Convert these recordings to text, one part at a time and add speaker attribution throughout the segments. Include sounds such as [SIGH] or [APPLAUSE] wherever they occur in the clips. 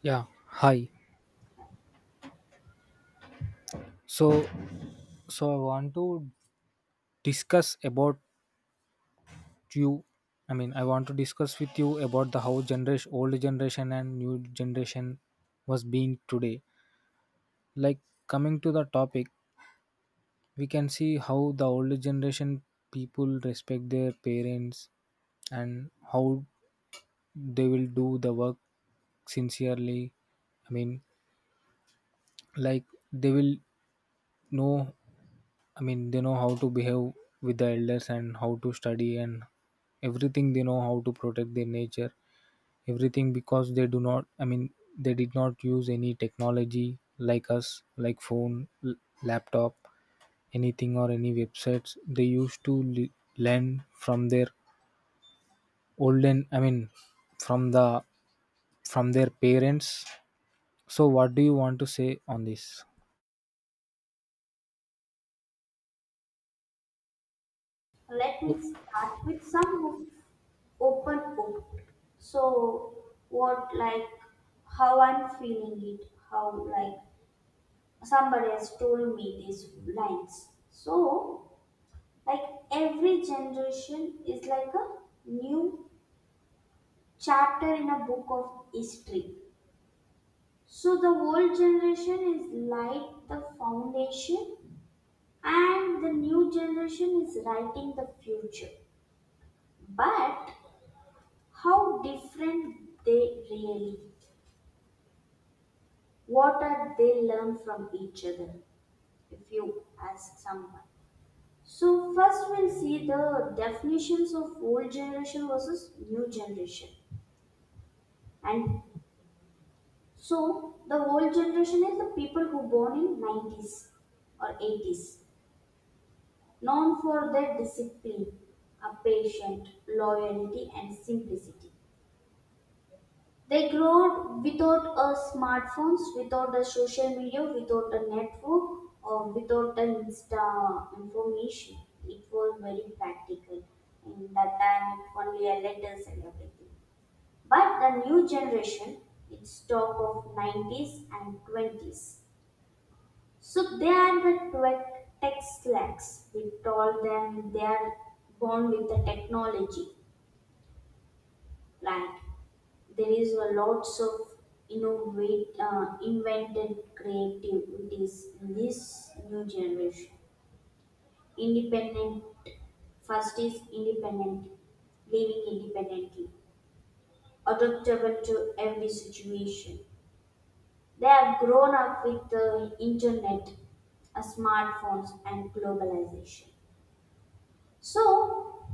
Speaker 1: Yeah, hi. So, so, I want to discuss about you. I mean, I want to discuss with you about the how generation, old generation and new generation was being today. Like coming to the topic, we can see how the older generation people respect their parents and how they will do the work sincerely. I mean, like they will know I mean, they know how to behave with the elders and how to study and everything. They know how to protect their nature, everything because they do not. I mean, they did not use any technology like us, like phone, laptop, anything or any websites. They used to learn from their olden. I mean, from the from their parents. So, what do you want to say on this?
Speaker 2: Let me start with some of open up. So, What how I'm feeling it, how somebody has told me these lines. So, like every generation is like a new chapter in a book of history. So, the old generation is like the foundation, and the new generation is writing the future. But how different they really. What are they learn from each other? If you ask someone. So first we'll see the definitions of old generation versus new generation. And so the old generation is the people who born in 90s or 80s, known for their discipline, a patient, loyalty and simplicity. They grew without a smartphones, without a social media, without a network, or without the insta information. It was very practical in that time. It only a letters and everything. But the new generation, it's talk of 90s and 20s. So they are the tech slacks. We told them they are born with the technology plant. There is a lots of invented creativities in this new generation. Independent, first is independent, living independently, adaptable to every situation. They have grown up with the internet, smartphones, and globalization. So,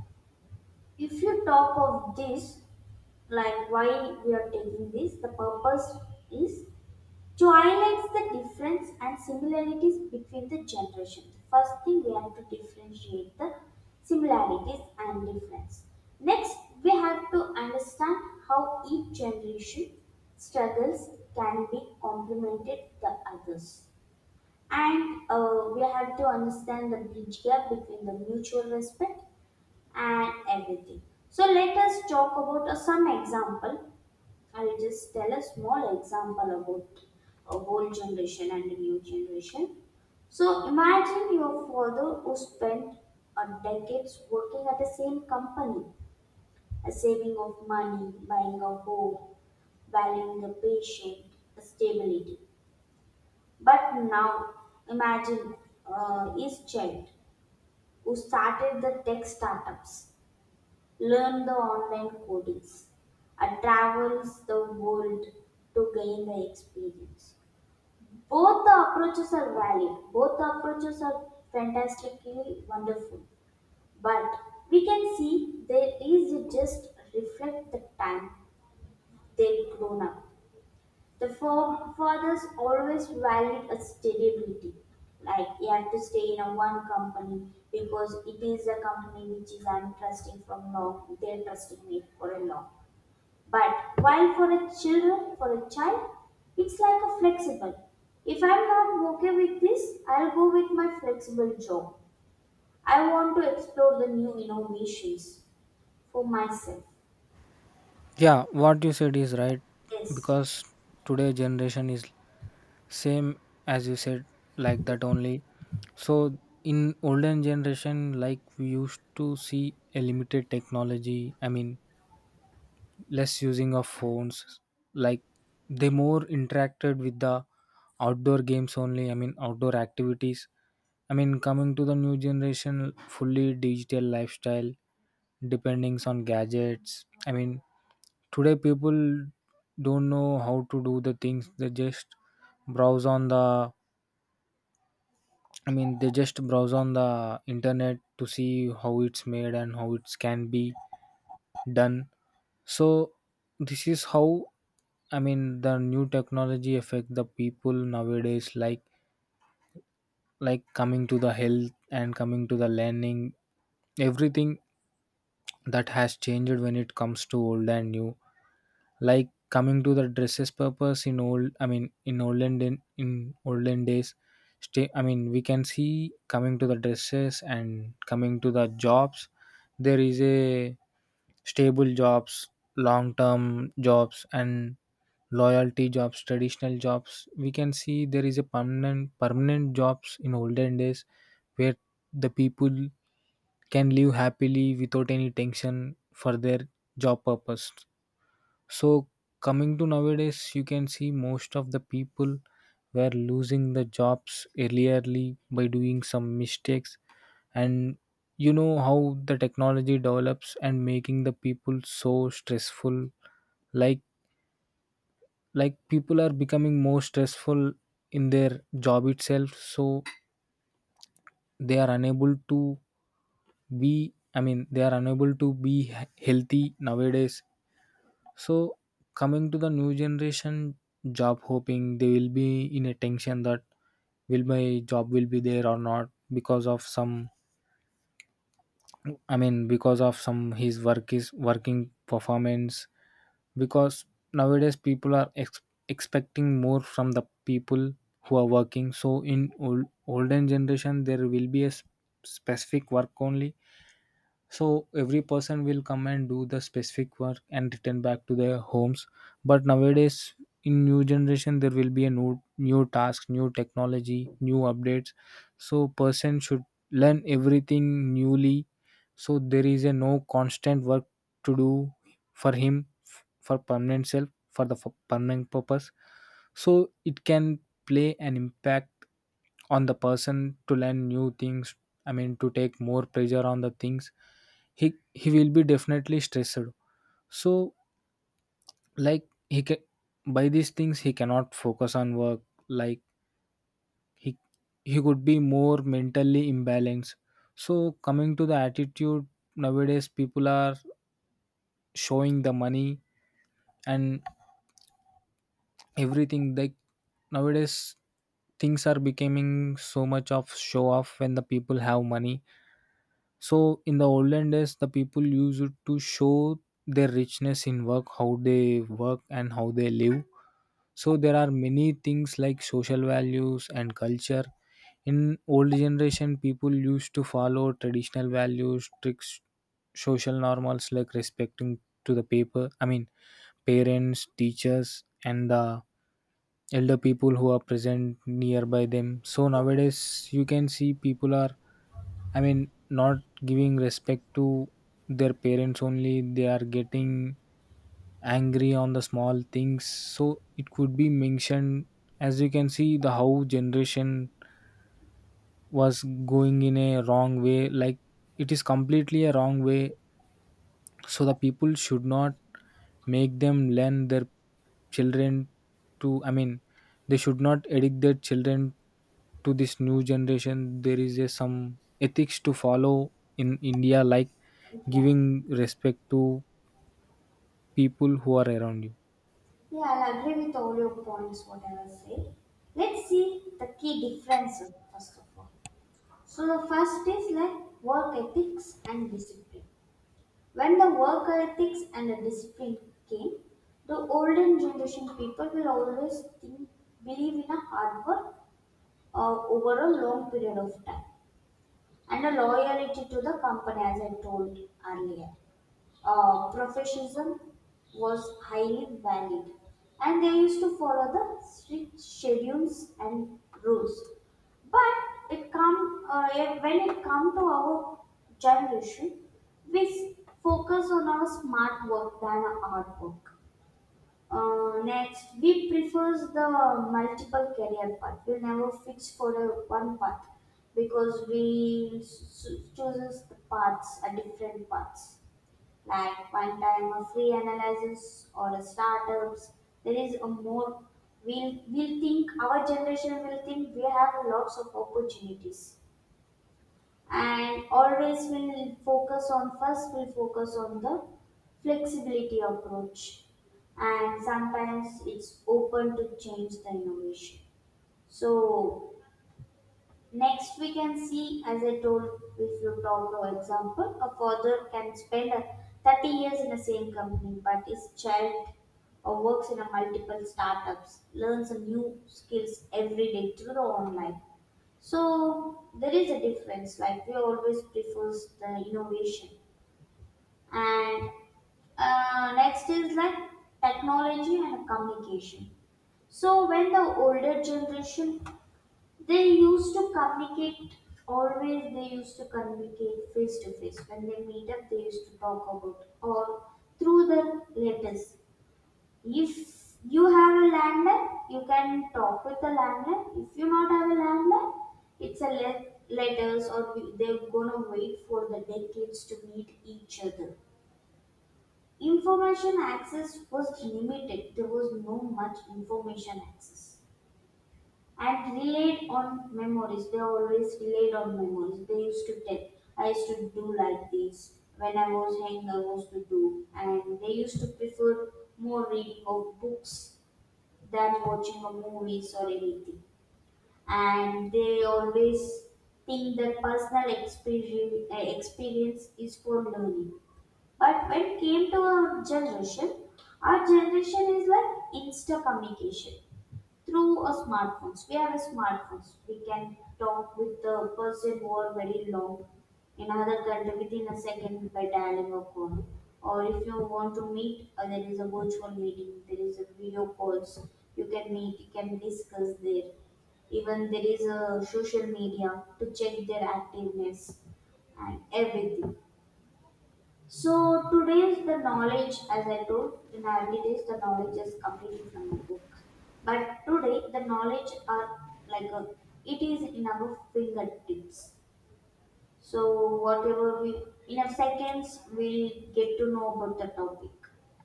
Speaker 2: if you talk of this, like why we are taking this, the purpose is to highlight the difference and similarities between the generations. First thing we have to differentiate the similarities and difference. Next, we have to understand how each generation struggles can be complemented the others. And we have to understand the bridge gap between the mutual respect and everything. So let us talk about some example. I'll just tell a small example about a old generation and a new generation. So imagine your father who spent a decades working at the same company, a saving of money, buying a home, valuing the patient, a stability. But now imagine his child who started the tech startups, learned the online codings, and travels the world to gain the experience. Both the approaches are valid. Both the approaches are fantastically wonderful. But we can see there is a just reflect the time they've grown up. The forefathers always valued a stability. Like you have to stay in a one company because it is a company which is I'm trusting from long. They're trusting me for a long. But while for a children, for a child, it's like a flexible. If I'm not okay with this, I'll go with my flexible job. I want to explore the new innovations for myself.
Speaker 1: Yeah, what you said is right
Speaker 2: Yes.
Speaker 1: because today generation is same as you said, like that only. So in olden generation, like we used to see a limited technology. I mean less using of phones, like they more interacted with the outdoor games only. I mean outdoor activities. I mean coming to the new generation, fully digital lifestyle, dependings on gadgets. I mean today people don't know how to do the things. They just browse on the I mean, they just browse on the internet to see how it's made and how it can be done. So this is how, I mean, the new technology affect the people nowadays. Like coming to the health and coming to the learning, everything that has changed when it comes to old and new. Like coming to the dresses purpose in olden days stay I mean we can see, coming to the dresses and coming to the jobs, there is a stable jobs, long term jobs and loyalty jobs, traditional jobs. We can see there is a permanent jobs in olden days where the people can live happily without any tension for their job purpose. So coming to nowadays, you can see most of the people were losing the jobs earlierly by doing some mistakes, and you know how the technology develops and making the people so stressful. Like like people are becoming more stressful in their job itself, so they are unable to be. I mean, they are unable to be healthy nowadays. So coming to the new generation, job hoping, they will be in a tension that will my job will be there or not, because of some his work is working performance, because nowadays people are expecting more from the people who are working. So in olden generation there will be a specific work only, so every person will come and do the specific work and return back to their homes. But nowadays, in new generation, there will be a new task, new technology, new updates, so person should learn everything newly. So there is a no constant work to do for him, for permanent self, for the permanent purpose. So it can play an impact on the person to learn new things. I mean to take more pressure on the things, he will be definitely stressed. So like he can, by these things, he cannot focus on work. Like he he could be more mentally imbalanced. So coming to the attitude, nowadays people are showing the money and everything. Like nowadays things are becoming so much of show off when the people have money. So in the olden days, the people used to show their richness in work, how they work and how they live. So there are many things like social values and culture. In old generation, people used to follow traditional values, tricks, social normals, like respecting to the parents, teachers, and the elder people who are present nearby them. So
Speaker 2: Yes.
Speaker 1: nowadays, you can see people are. I mean, not giving respect to their parents only. They are getting angry on the small things, so it could be mentioned, as you can see, the how generation was going in a wrong way. Like it is completely a wrong way. So the people should not make them learn their children to I mean they should not addict their children to this new generation. There is a, some ethics to follow in India, like
Speaker 2: Yeah.
Speaker 1: giving respect to people who are around you.
Speaker 2: Yeah, I'll agree with all your points, whatever I say. Let's see the key differences first of all. So the first is like work ethics and discipline. When the work ethics and the discipline came, the olden generation people will always think, believe in a hard work over a long period of time and a loyalty to the company, as I told earlier. Professionalism was highly valued, and they used to follow the strict schedules and rules. But when it come to our generation, we focus on our smart work than our hard work. Next, we prefers the multiple career path. We never fix for a one path because we chooses the paths, a different paths. Like one time a free analysis or a startups. There is a more. We'll think our generation will think we have lots of opportunities and always we'll focus on, first we'll focus on the flexibility approach, and sometimes it's open to change the innovation. So next we can see, as I told, if you talk for example a father can spend 30 years in the same company, but his child or works in a multiple startups, learns a new skills every day through the online. So there is a difference. Like we always prefers the innovation, and next is like technology and communication. So when the older generation, they used to communicate always they used to communicate face to face. When they meet up, they used to talk about or through the letters. If you have a landline, you can talk with the landline. If you not have a landline, it's a letters, or they're gonna wait for the decades to meet each other. Information access was limited. There was no much information access. And relied on memories. They always relied on memories. They used to tell, I used to do like this when I was young. I was to do, and they used to prefer more reading of books than watching a movies or anything. And they always think that experience is for learning. But when it came to our generation is like insta communication through a smartphones. We have a smartphones. We can talk with the person over very long in another country within a second by dialing a phone. Or if you want to meet, there is a virtual meeting. There is a video calls. You can meet. You can discuss there. Even there is a social media to check their activeness and everything. So today's the knowledge, as I told, in early days, the knowledge is completely from the book. But today the knowledge are like a, it is in our fingertips. So whatever we in a seconds we'll get to know about the topic.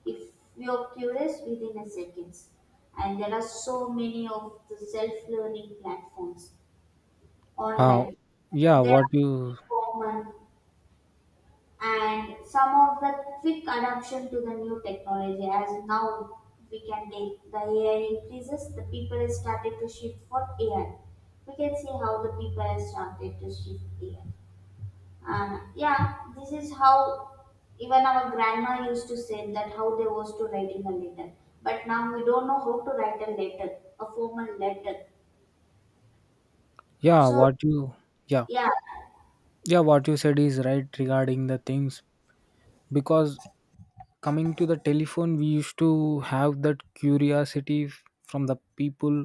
Speaker 2: If we are curious within a seconds, and there are so many of the self-learning platforms
Speaker 1: How?
Speaker 2: online.
Speaker 1: yeah
Speaker 2: They are
Speaker 1: what
Speaker 2: very
Speaker 1: you
Speaker 2: common and some of the quick adoption to the new technology. As now we can take the AI increases, the people has started to shift for AI. We can see how the people has started to shift AI. And yeah, this is how even our grandma used to say that how they was to writing a letter, but now we don't know how to write a letter, a formal letter.
Speaker 1: Yeah,
Speaker 2: So
Speaker 1: what you yeah
Speaker 2: yeah,
Speaker 1: yeah, what you said is right regarding the things, because coming to the telephone, we used to have that curiosity from the people.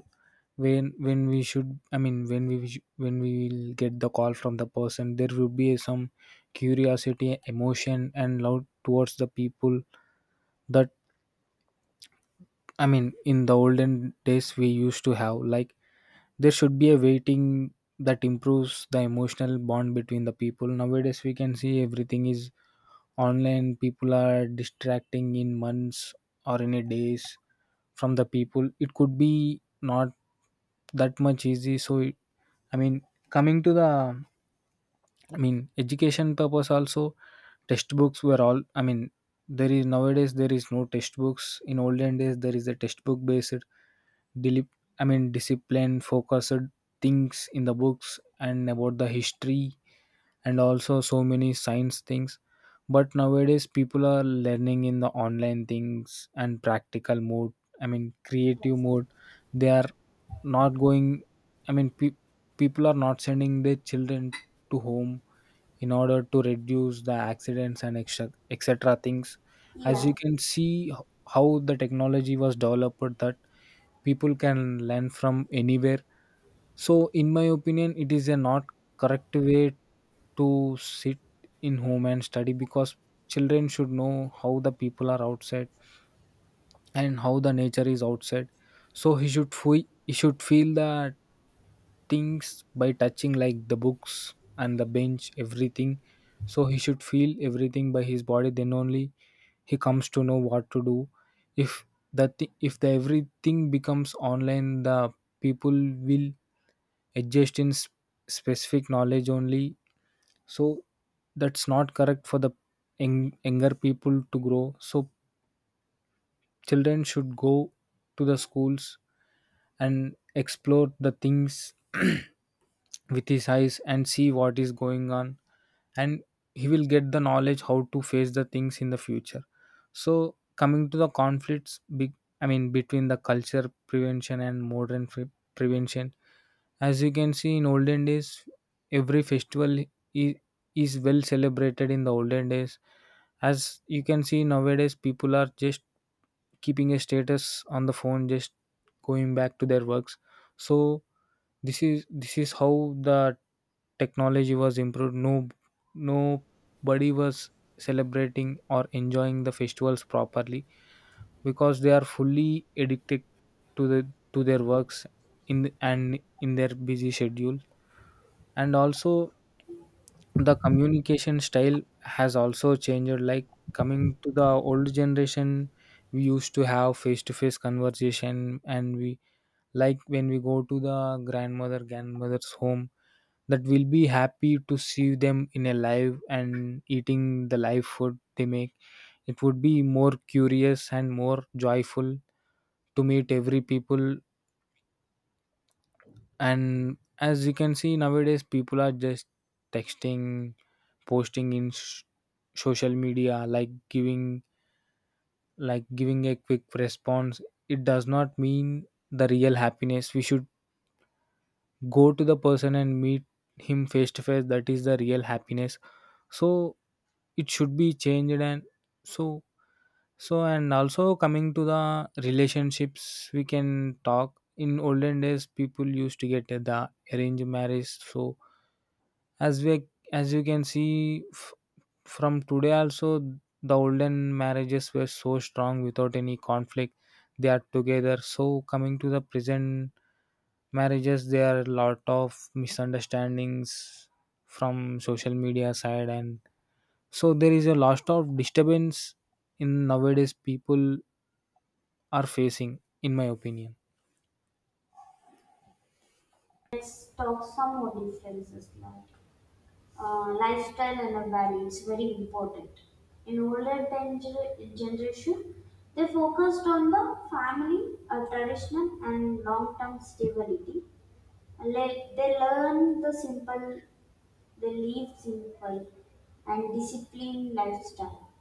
Speaker 1: When we should I mean when we sh- when we will get the call from the person, there will be some curiosity, emotion, and love towards the people. That, I mean, in the olden days we used to have like there should be a waiting that improves the emotional bond between the people. Nowadays we can see everything is online. People are distracting in months or in a days from the people. It could be not that much easy. So it, I mean coming to the I mean education purpose also, textbooks were all I mean there is nowadays there is no textbooks. In olden days there is a textbook based, deli- I mean discipline focused things in the books and about the history and also so many science things. But nowadays people are learning in the online things and practical mode, I mean creative mode. They are not going I mean pe- People are not sending their children to home in order to reduce the accidents and etc etc things. As you
Speaker 2: yeah.
Speaker 1: can see, how the technology was developed that people can learn from anywhere. So, in my opinion, it is a not correct way to sit in home and study, because children should know how the people are outside and how the nature is outside. So he should feel the things by touching, like the books and the bench, everything. So he should feel everything by his body. Then only he comes to know what to do. If the everything becomes online, the people will adjust in specific knowledge only. So that's not correct for the younger people to grow. So children should go to the schools and explore the things [CLEARS THROAT] with his eyes and see what is going on, and he will get the knowledge how to face the things in the future. So coming to the conflicts big, I mean between the culture prevention and modern prevention. As you can see, in olden days, every festival is, is well celebrated in the olden days. As you can see, nowadays people are just keeping a status on the phone, just going back to their works. So this is how the technology was improved. No Nobody was celebrating or enjoying the festivals properly because they are fully addicted to the to their works in and in their busy schedule. And also the communication style has also changed. Like coming to the old generation, we used to have face to face conversation. And we, like when we go to the grandmother's home, that will be happy to see them in a live and eating the live food they make. It would be more curious and more joyful to meet every people. And as you can see, nowadays people are just texting, posting in social media, like giving a quick response. It does not mean the real happiness. We should go to the person and meet him face to face. That is the real happiness. So it should be changed. And so so and also coming to the relationships, we can talk. In olden days, people used to get the arranged marriage. So as we as you can see, from today also, the olden marriages were so strong without any conflict. They are together. So coming to the present marriages, there are a lot of misunderstandings from social media side, and so there is a lot of disturbance in nowadays people are facing, in my opinion.
Speaker 2: Let's talk some more differences like lifestyle and a value. It's very important. In older generation, they focused on the family, a traditional and long-term stability. And they learn the simple, they live simple and disciplined lifestyle.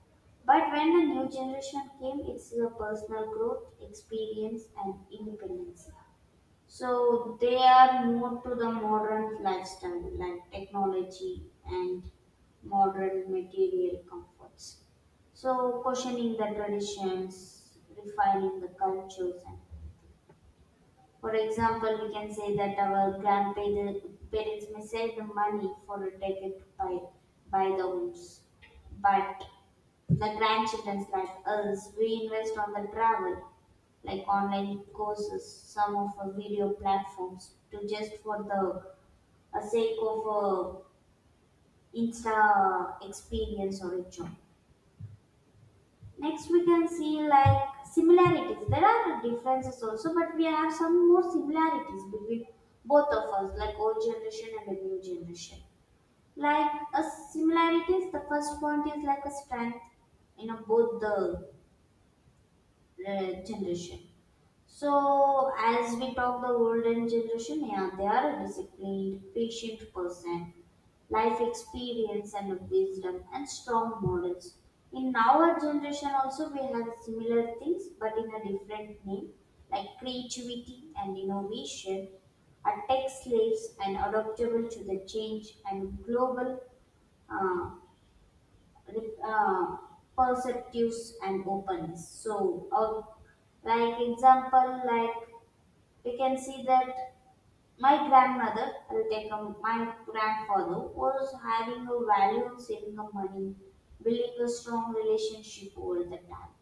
Speaker 2: But when a new generation came, it's a personal growth, experience, and independence. So they are more to the modern lifestyle, like technology and modern material comforts. So questioning the traditions, refining the cultures, and for example, we can say that our grandparents parents may save the money for a ticket to buy the homes. But the grandchildren like us, we invest on the travel, like online courses, some of our video platforms, to just for the sake of Insta experience or a job. Next, we can see like similarities. There are differences also, but we have some more similarities between both of us, like old generation and the new generation. Like a similarities, the first point is like a strength in you know, both the generation. So, as we talk the golden generation, yeah, they are a disciplined, patient person, life experience and wisdom and strong morals. In our generation also we have similar things but in a different name, like creativity and innovation are tech slaves and adaptable to the change and global uh, re- uh, perceptives and openness. So, like example, like we can see that my grandmother, I'll take a, my grandfather, was having a value of saving of money, building a strong relationship over the time.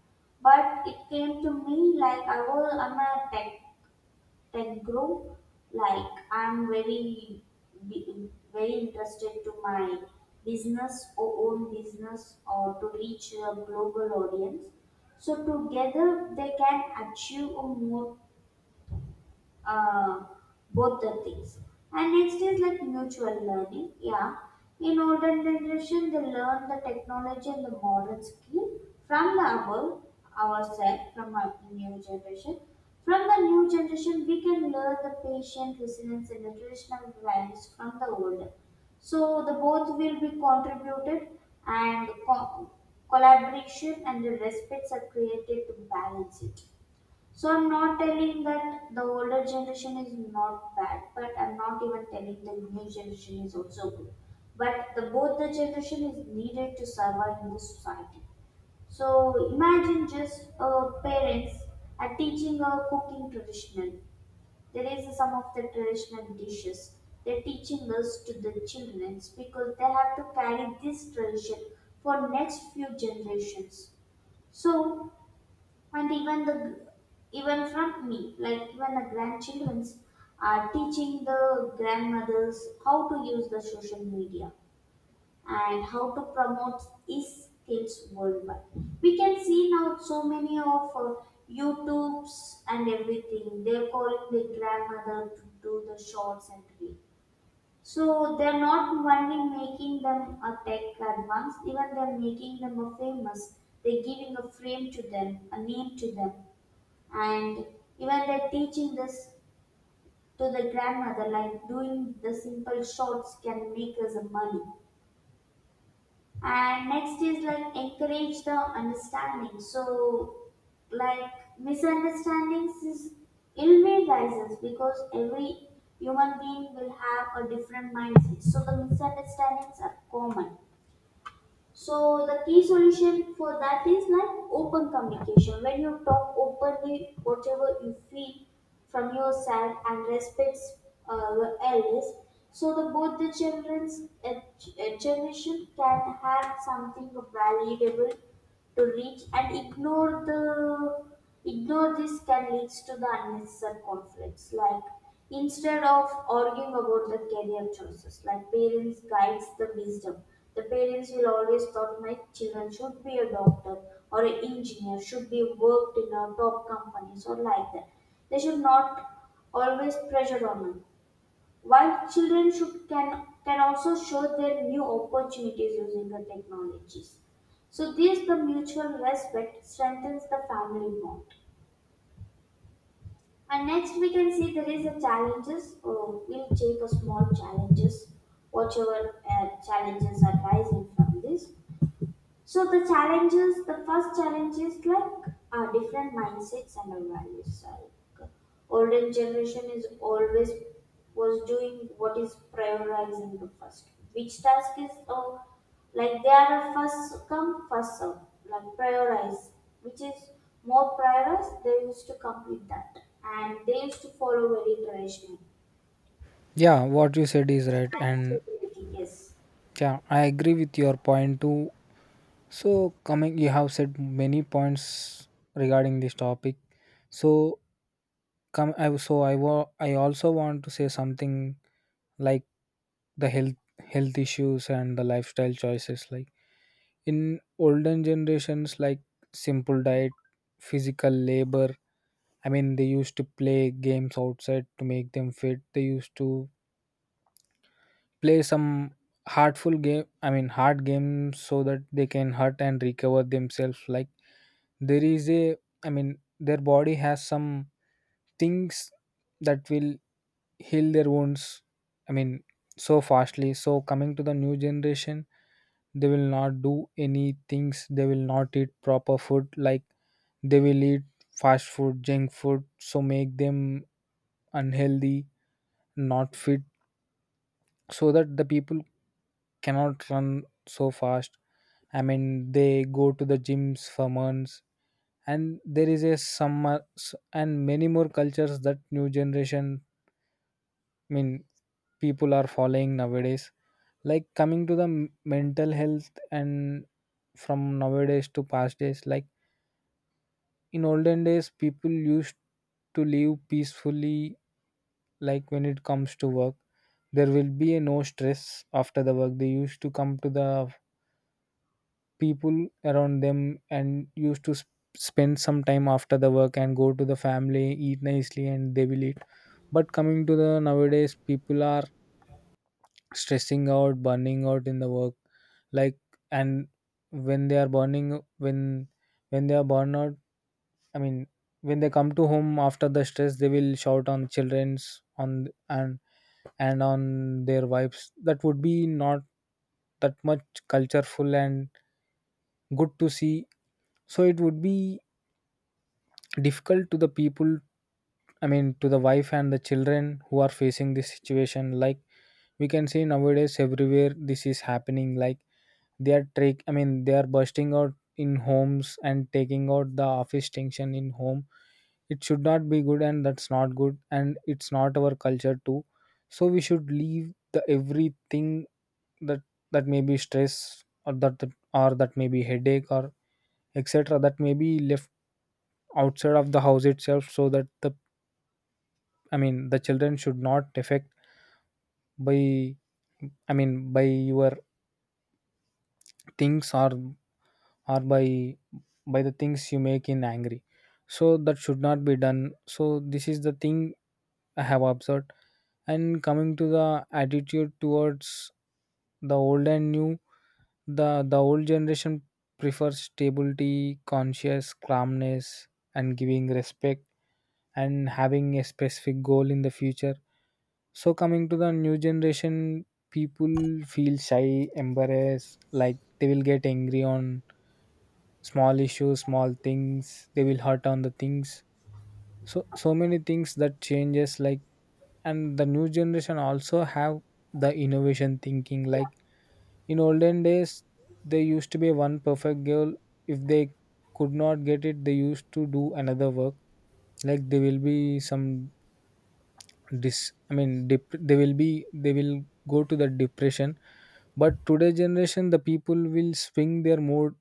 Speaker 2: But it came to me like I'm a tech guru, like I'm very, very interested to my business or own business or to reach a global audience. So together they can achieve a more uh, both the things. And next is like mutual learning. Yeah, in older generation they learn the technology and the modern skill from the above ourselves, from our new generation. From the new generation, we can learn the patient resilience and the traditional values from the older. So the both will be contributed and collaboration and the respects are created to balance it. So I'm not telling that the older generation is not bad, but I'm not even telling the new generation is also good. But the both the generation is needed to survive in this society. So imagine just parents are teaching a cooking traditional. There is some of the traditional dishes. They're teaching us to the children because they have to carry this tradition for next few generations. So and even the, even from me like even the grandchildrens are teaching the grandmothers how to use the social media and how to promote these skills worldwide. We can see now so many of youtubes and everything, they're calling the grandmother to do the shorts and reels. So they're not only making them a tech advanced, even they're making them a famous. They're giving a frame to them, a name to them. And even they're teaching this to the grandmother like doing the simple shots can make us a money. And next is like encourage the understanding. So like misunderstandings is ill will rises because every human being will have a different mindset, so the misunderstandings are common. So the key solution for that is like open communication. When you talk openly, whatever you feel from your side and respects your elders, so the both the children's generation can have something valuable to reach and ignore. The ignore this can lead to the unnecessary conflicts, like instead of arguing about the career choices, like parents guides the wisdom. The parents will always thought my children should be a doctor or an engineer, should be worked in a top companies or like that. They should not always pressure on them, while children should can also show their new opportunities using the technologies. So this the mutual respect strengthens the family bond. And next we can see there is a challenges. Oh, we'll take a small challenges, whatever challenges are rising from this. So the challenges, the first challenge is like different mindsets and our values. Like older generation is always was doing what is prioritizing the first. Which task is like they are a first come first serve, like prioritize, which is more prioritized. They used to complete that, and they used to follow very traditional.
Speaker 1: Yeah, what you said is right,
Speaker 2: And
Speaker 1: and
Speaker 2: stability, yes.
Speaker 1: yeah, I agree with your point too. So, coming, you have said many points regarding this topic. So, come, I so I wa- I also want to say something, like the health issues and the lifestyle choices. Like in olden generations, like simple diet, physical labor, I mean, they used to play games outside to make them fit. They used to play some hardful game, I mean, hard games so that they can hurt and recover themselves. Like there is a, I mean, their body has some things that will heal their wounds, I mean, so fastly. So coming to the new generation, they will not do any things, they will not eat proper food. Like they will eat fast food, junk food, so make them unhealthy, not fit, so that the people cannot run so fast. I mean, they go to the gyms for months. And there is a and many more cultures that new generation, I mean, people are following nowadays. Like coming to the mental health and from nowadays to past days, like in olden days, people used to live peacefully, like when it comes to work. There will be a no stress after the work. They used to come to the people around them and used to spend some time after the work and go to the family, eat nicely, and they will eat. But coming to the nowadays, people are stressing out, burning out in the work, like, and when they are burning when when they are burned out. I mean, when they come to home after the stress, they will shout on childrens on and on their wives. That would be not that much cultureful and good to see. So it would be difficult to the people, I mean, to the wife and the children who are facing this situation. Like we can see nowadays everywhere this is happening. Like I mean, they are bursting out in homes and taking out the office tension in home. It should not be good, and that's not good, and it's not our culture too. So we should leave the everything that that may be stress or that that- or that may be headache or etc. That may be left outside of the house itself so that the, I mean, the children should not affect by, I mean, by your things or by the things you make in angry. So that should not be done. So this is the thing I have observed. And coming to the attitude towards the old and new, the old generation prefers stability, conscious calmness, and giving respect and having a specific goal in the future. So coming to the new generation, people feel shy, embarrassed, like they will get angry on small issues, small things, they will hurt on the things. So so many things that changes, like, and the new generation also have the innovation thinking. Like in olden days, there used to be one perfect girl. If they could not get it, they used to do another work. Like they will be some dis. I mean, they will go to the depression. But today generation, the people will swing their mood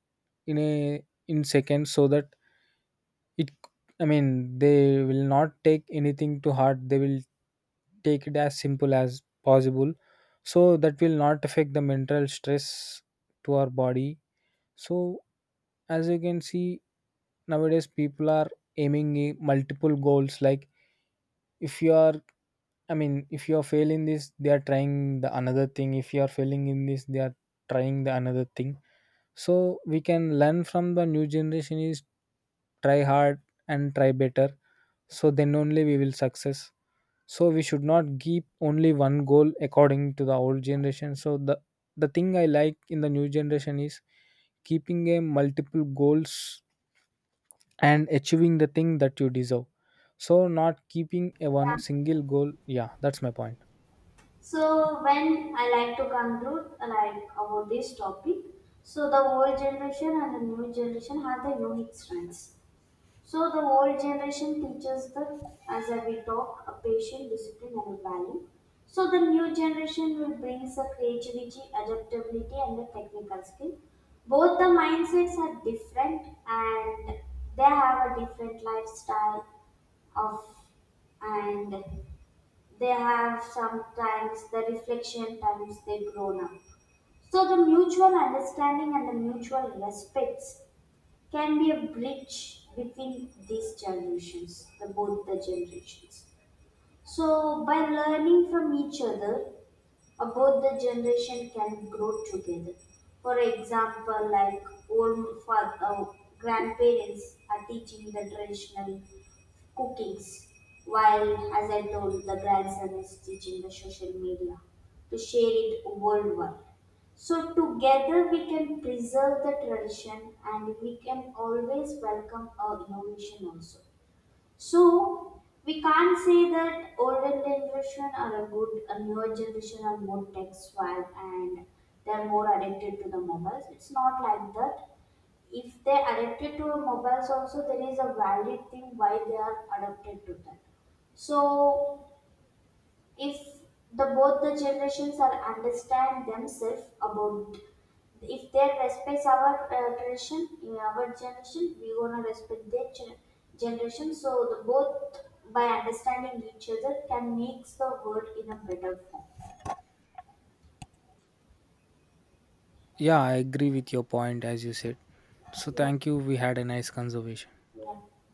Speaker 1: in seconds, so that it, I mean, they will not take anything to heart, they will take it as simple as possible, so that will not affect the mental stress to our body. So as you can see, nowadays people are aiming multiple goals. Like if you are, I mean, if you are failing this, they are trying the another thing. If you are failing in this, they are trying the another thing. So we can learn from the new generation is try hard and try better, so then only we will success. So we should not keep only one goal according to the old generation. So the thing I like in the new generation is keeping a multiple goals and achieving the thing that you deserve. So not keeping a one
Speaker 2: Yeah,
Speaker 1: single goal. Yeah, that's my point.
Speaker 2: so when I like to conclude like about this topic, so the old generation and the new generation have their unique strengths. So the old generation teaches the, as a we talk, a patient discipline and a value. So the new generation will brings a creativity, adaptability, and the technical skill. Both the mindsets are different, and they have a different lifestyle of, and they have sometimes the reflection times they grown up. So the mutual understanding and the mutual respects can be a bridge between these generations, the both the generations. So by learning from each other, or both the generation can grow together. For example, like old father, grandparents are teaching the traditional cookings, while as I told, the grandson is teaching the social media to share it worldwide. So together we can preserve the tradition and we can always welcome our innovation also. So we can't say that older generation are a good, a newer generation are more tech savvy and they're more addicted to the mobiles. It's not like that. If they're addicted to mobiles also, there is a valid thing why they are addicted to that. So if the both the generations are understand themselves about, if they respect our tradition, in our generation we gonna respect their generation. So the both by understanding each other can makes the world in a better form.
Speaker 1: Yeah, I agree with your point. As you said, so
Speaker 2: Yeah.
Speaker 1: thank you, we had a nice conversation.
Speaker 2: Yeah.